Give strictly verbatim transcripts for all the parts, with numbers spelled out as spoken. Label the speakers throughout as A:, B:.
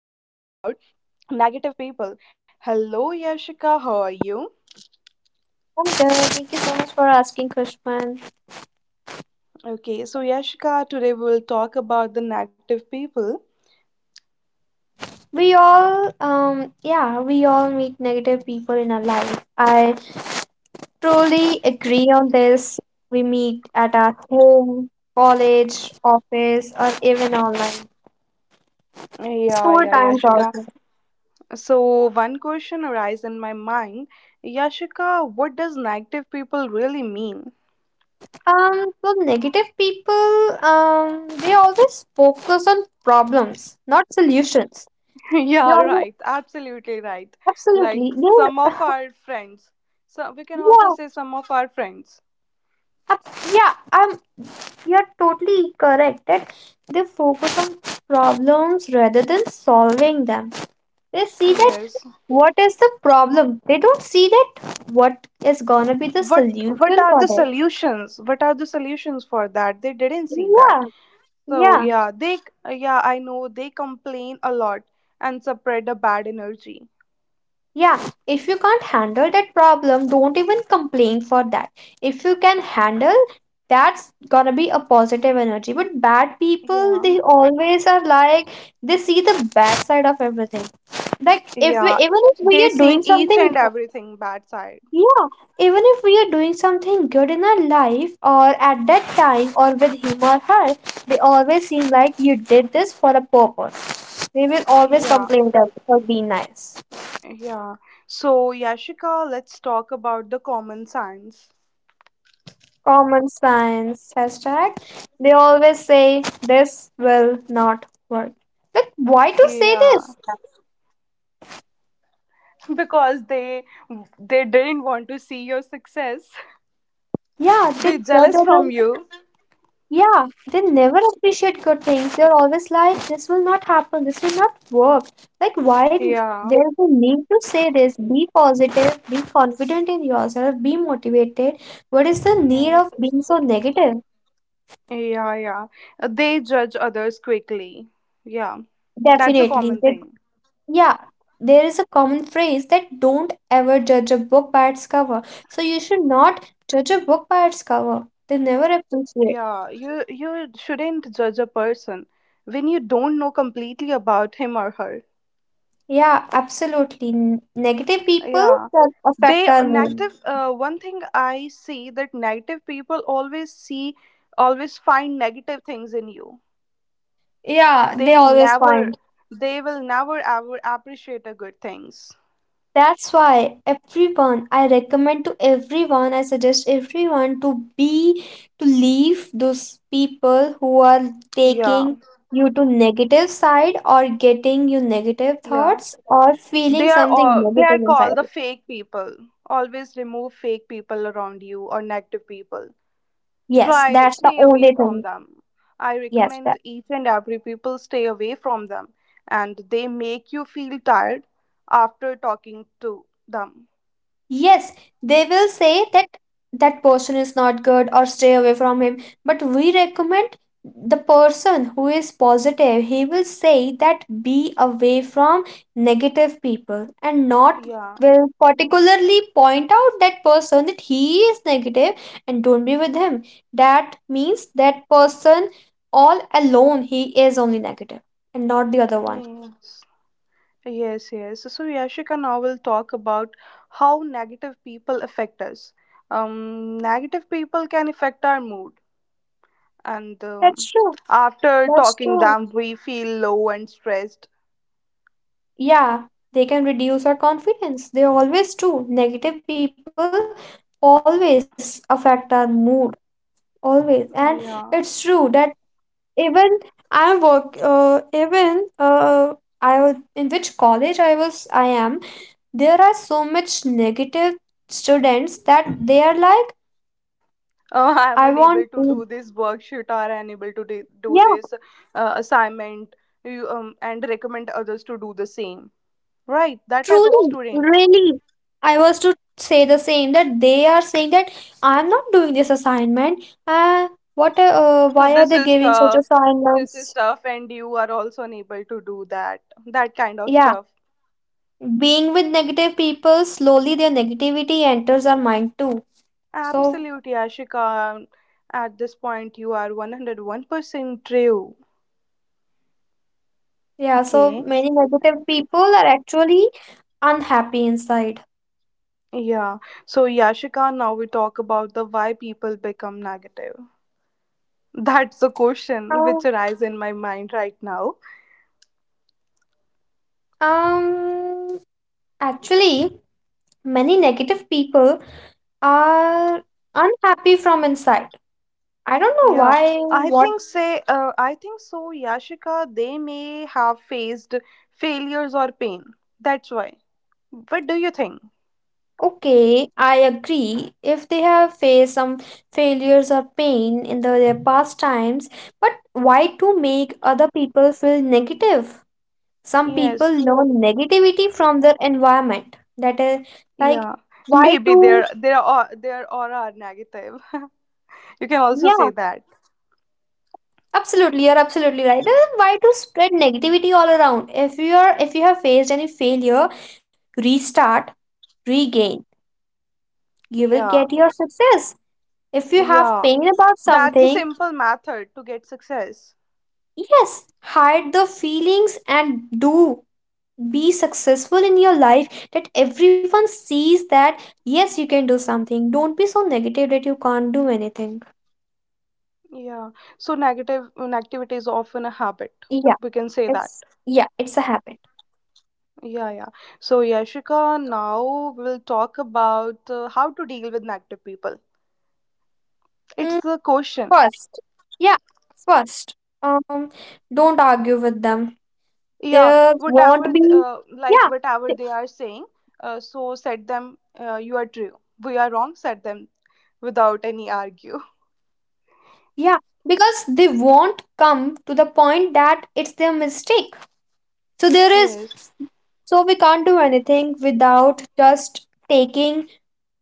A: about negative people. Hello, Yashika. How are you?
B: I'm good. Thank you so much for asking, Kushman.
A: Okay, so Yashika, today we will talk about the negative people.
B: We all, um, yeah, we all meet negative people in our life. I truly agree on this. We meet at our home, college, office, or even online.
A: Yeah,
B: School
A: yeah,
B: times
A: Yashika.
B: also.
A: So, one question arises in my mind Yashika, what does negative people really mean?
B: Um, well, negative people, um, they always focus on problems, not solutions. They
A: Yeah,
B: always,
A: right. Absolutely right. Like
B: absolutely,
A: some
B: they,
A: of our friends. So, we can also say
B: yeah,
A: some of our friends.
B: ab- yeah, um, You're totally correct that they focus on problems rather than solving them. They see that
A: Yes.
B: what is the problem. They don't see that what is gonna be the
A: what
B: solution
A: what are
B: for
A: the
B: that.
A: solutions? What are the solutions for that they didn't see that.
B: Yeah,
A: So
B: yeah.
A: yeah, they, yeah, I know they complain a lot and spread a bad energy.
B: Yeah, if you can't handle that problem, don't even complain for that. If you can handle, that's gonna be a positive energy. But bad people,
A: Yeah,
B: they always are like, they see the bad side of everything. Like, if we,
A: yeah,
B: even if
A: they
B: we are
A: sing
B: doing
A: each
B: something,
A: and everything bad side.
B: yeah, even if we are doing something good in our life or at that time or with him or her, they always seem like you did this for a purpose. They will always
A: Yeah,
B: complain that for being nice.
A: yeah, so Yashika, let's talk about the common signs.
B: Common science hashtag, they always say this will not work. Like, why to say
A: Yeah,
B: this?
A: because they they didn't want to see your success.
B: Yeah, they
A: They
B: judge
A: jealous from
B: others.
A: you.
B: Yeah, they never appreciate good things. They're always like, this will not happen, this will not work. like why d-
A: Yeah.
B: there's a need to say this? Be positive, be confident in yourself, be motivated. What is the need
A: Yes.
B: of being so negative?
A: Yeah, yeah. Uh, They judge others quickly. Yeah. That's a
B: Definitely
A: common
B: they.
A: thing.
B: Yeah, there is a common phrase that don't ever judge a book by its cover. So you should not judge a book by its cover. They never
A: Yeah,
B: appreciate.
A: you you shouldn't judge a person when you don't know completely about him or her.
B: Yeah, absolutely. N- Negative people
A: Yeah.
B: that affect
A: They
B: our mood.
A: negative, uh, one thing I see that negative people always see, always find negative things in you.
B: Yeah, they
A: They
B: always
A: never,
B: find.
A: they will never ever appreciate a good things.
B: That's why everyone, I recommend to everyone, I suggest everyone to be, to leave those people who are
A: Yeah.
B: taking you to negative side or getting you negative
A: Yeah.
B: thoughts or feeling
A: They are
B: something
A: all, they are
B: negative inside
A: called the
B: you.
A: fake people. Always remove fake people around you or negative people.
B: Yes,
A: Try
B: that's the
A: stay away
B: only
A: from
B: thing.
A: them. I
B: Yes,
A: recommend
B: that.
A: each and every people stay away from them. And they make you feel tired after talking to them.
B: Yes, they will say that that person is not good or stay away from him. But we recommend the person who is positive. He will say that be away from negative people and not
A: Yeah.
B: will particularly point out that person that he is negative and don't be with him. That means that person all alone he is only negative and not the other one.
A: Yes, yes, yes, so Yashika, now will talk about how negative people affect us. Um negative people can affect our mood and um,
B: That's true.
A: after
B: That's
A: talking
B: true.
A: them we feel low and stressed.
B: Yeah, they can reduce our confidence. They always do. Negative people always affect our mood, always. And
A: Yeah.
B: it's true that even I work, uh, even uh, I was- in which college I was, I am. There are so much negative students that they are like,
A: uh, I'm
B: I
A: unable to
B: want
A: do
B: to.
A: this worksheet or unable to de- do
B: Yeah.
A: this uh, assignment, you, um, and recommend others to do the same, right? That type of
B: Truly,
A: student.
B: really, I was to say the same that they are saying that I'm not doing this assignment. Uh, what? A- Uh,
A: Uh,
B: why are
A: this
B: they
A: is
B: giving such
A: tough, this is
B: assignments?
A: tough and you are also unable to do that, that kind of
B: Yeah,
A: stuff.
B: being with negative people, slowly their negativity enters our mind too. So
A: Absolutely Ashika, at this point you are one hundred one percent true.
B: yeah, so
A: Okay.
B: many negative people are actually unhappy inside.
A: Yeah. So Yashika, now we talk about the why people become negative. That's the
B: Um,
A: question which arises in my mind right now.
B: um, Actually, many negative people are unhappy from inside. I don't know
A: Yeah,
B: why,
A: I
B: what.
A: think say uh, I think so, Yashika, they may have faced failures or pain. That's why. What do you think?
B: Okay, I agree. If they have faced some failures or pain in the, their past times, but why to make other people feel negative? Some people
A: Yes.
B: learn negativity from their environment. That is like,
A: Yeah.
B: why
A: Maybe
B: to,
A: their their au- their aura are negative. You can also
B: yeah,
A: say that.
B: absolutely, you're absolutely right. Uh, Why to spread negativity all around? If you are, if you have faced any failure, restart, regain. You will
A: Yeah.
B: get your success. If you have
A: Yeah.
B: pain about
A: That's a
B: something,
A: simple method to get success.
B: yes, hide the feelings and do be successful in your life that everyone sees that yes you can do something. Don't be so negative that you can't do anything.
A: Yeah. So negative negativity is often a habit. We
B: Yeah,
A: can say that.
B: it's yeah, it's a habit.
A: Yeah, yeah. So Yashika, now we'll talk about uh, how to deal with negative people. It's
B: Mm,
A: the question.
B: first, yeah, first, um, don't argue with them.
A: Yeah,
B: There
A: whatever,
B: won't
A: th-
B: be
A: uh, like
B: yeah,
A: whatever
B: th-
A: they are saying. Uh, so set them. Uh, you are true. We are wrong. Set them without any argue.
B: yeah, because they won't come to the point that it's their mistake. So there is.
A: Yes.
B: So we can't do anything without just taking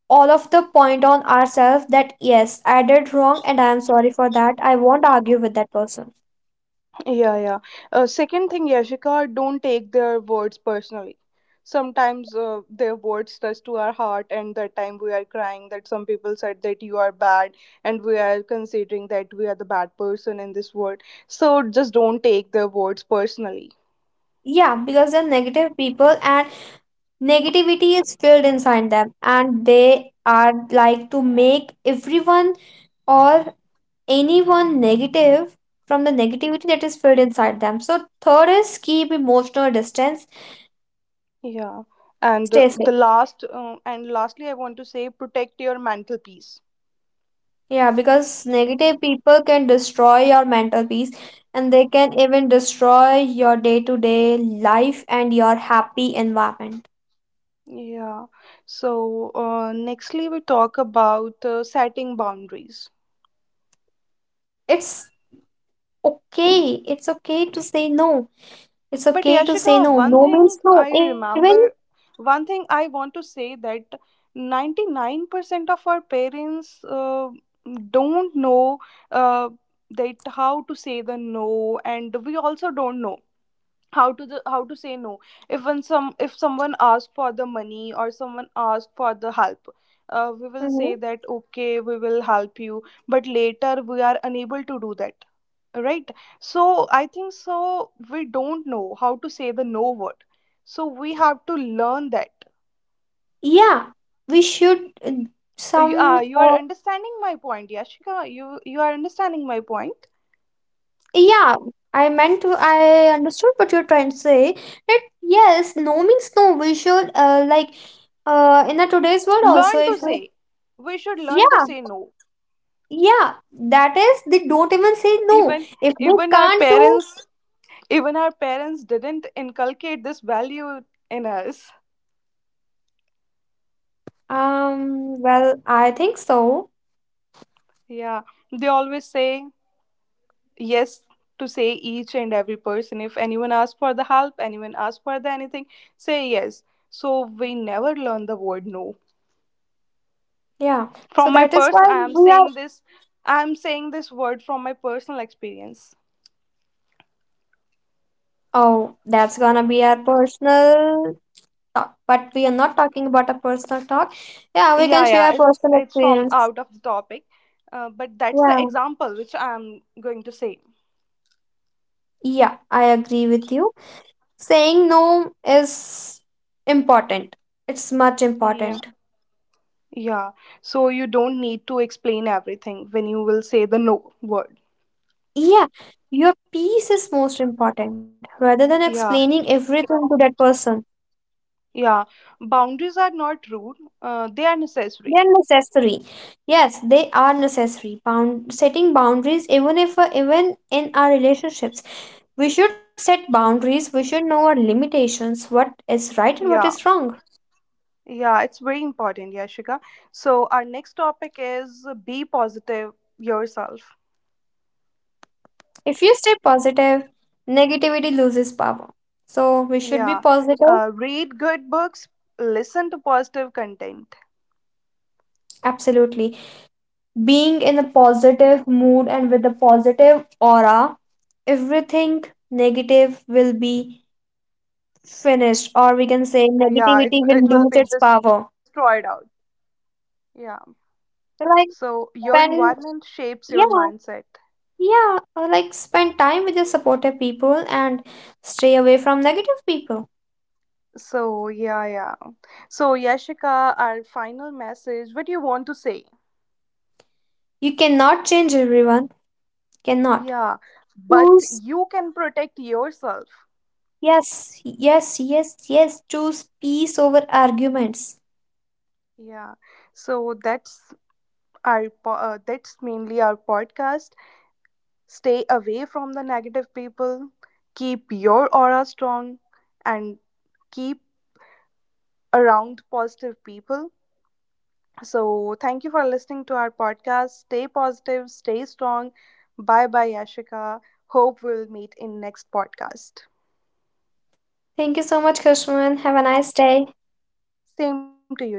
B: all of the point on ourselves that yes, I did wrong and I am sorry for that. I won't argue with that person.
A: Yeah, yeah. Uh, second thing, Yashika, don't take their words personally. Sometimes uh, their words touch to our heart, and that time we are crying. That some people said that you are bad, and we are considering that we are the bad person in this world. So just don't take their words personally.
B: Yeah, because they're negative people and negativity is filled inside them and they are like to make everyone or anyone negative from the negativity that is filled inside them. So third is keep emotional distance.
A: Yeah. And uh,
B: Stay
A: the
B: safe.
A: last, uh, and lastly, I want to say protect your mental peace.
B: Yeah, because negative people can destroy your mental peace and they can even destroy your day to day life and your happy environment.
A: Yeah. So, uh, nextly, we talk about uh, setting boundaries.
B: It's okay. It's okay to say no. It's okay to
A: But
B: say no.
A: Yashika,
B: No
A: one
B: means no.
A: thing
B: Even,
A: I remember, one thing I want to say that ninety-nine percent of our parents, uh, don't know uh, that how to say the no, and we also don't know how to the, how to say no if when some if someone asks for the money or someone asks for the help. Uh, we will say
B: mhm,
A: that okay, we will help you, but later we are unable to do that, right? So I think so, we don't know how to say the no word, so we have to learn that.
B: yeah, we should uh,
A: Uh, you, uh,
B: some,
A: you are
B: uh,
A: understanding my point, Yashika? You you are understanding my point.
B: yeah, I meant to, I understood what you're trying to say. That yes, no means no. We should, uh, like, uh, in the today's world also,
A: Learn to
B: if we.
A: say, we should learn to say no.
B: Yeah, that is, they don't even say no.
A: even
B: If they
A: Even our
B: can't do,
A: parents, even our parents didn't inculcate this value in us.
B: um, well, I think so.
A: Yeah, they always say yes to say each and every person. If anyone asks for the help, anyone asks for the anything, say yes. So we never learn the word no.
B: Yeah, so
A: From my
B: that is why
A: person, I am
B: we are,
A: saying this. I am saying this word from my personal experience.
B: oh, that's gonna be our personal talk. But we are not talking about a personal talk. Yeah, we
A: Yeah,
B: can
A: yeah,
B: share
A: it's
B: personal
A: it's from
B: experience.
A: out of the topic, uh, but that's the
B: Yeah,
A: example which I am going to say.
B: yeah, I agree with you. Saying no is important, it's much
A: Yeah.
B: important.
A: Yeah, so you don't need to explain everything when you will say the no word.
B: Yeah, your peace is most important rather than
A: Yeah,
B: explaining everything to that person.
A: yeah. Boundaries are not rude, uh, they are necessary.
B: They're necessary. Yes, they are necessary. Bound setting boundaries, even if uh, even in our relationships, we should set boundaries. We should know our limitations, what is right and what is
A: Yeah,
B: wrong.
A: yeah, it's very important, Yashika. So, our next topic is uh, be positive yourself.
B: If you stay positive, negativity loses power. So we should be
A: Yeah,
B: positive.
A: uh, read good books, listen to positive content.
B: Absolutely, being in a positive mood and with a positive aura, everything negative will be finished, or we can say
A: Uh, yeah, it,
B: negativity
A: it
B: will
A: will be
B: lose its
A: destroyed
B: power.
A: out. Yeah, so
B: Right.
A: your environment
B: Spend,
A: shapes your mindset.
B: yeah, yeah, uh, like spend time with your supportive people and stay away from negative people.
A: So, yeah, yeah. So, Yashika, our final message, what do you want to say?
B: You cannot change everyone. Cannot.
A: Yeah, but
B: Choose,
A: you can protect yourself.
B: yes, yes, yes, yes, choose peace over arguments.
A: Yeah. So, that's our po- uh, that's mainly our podcast. Stay away from the negative people. Keep your aura strong and keep around positive people. So, thank you for listening to our podcast. Stay positive, stay strong. Bye bye, Yashika. Hope we'll meet in next podcast.
B: Thank you so much, Krishman, have a nice day.
A: Same to you, dear.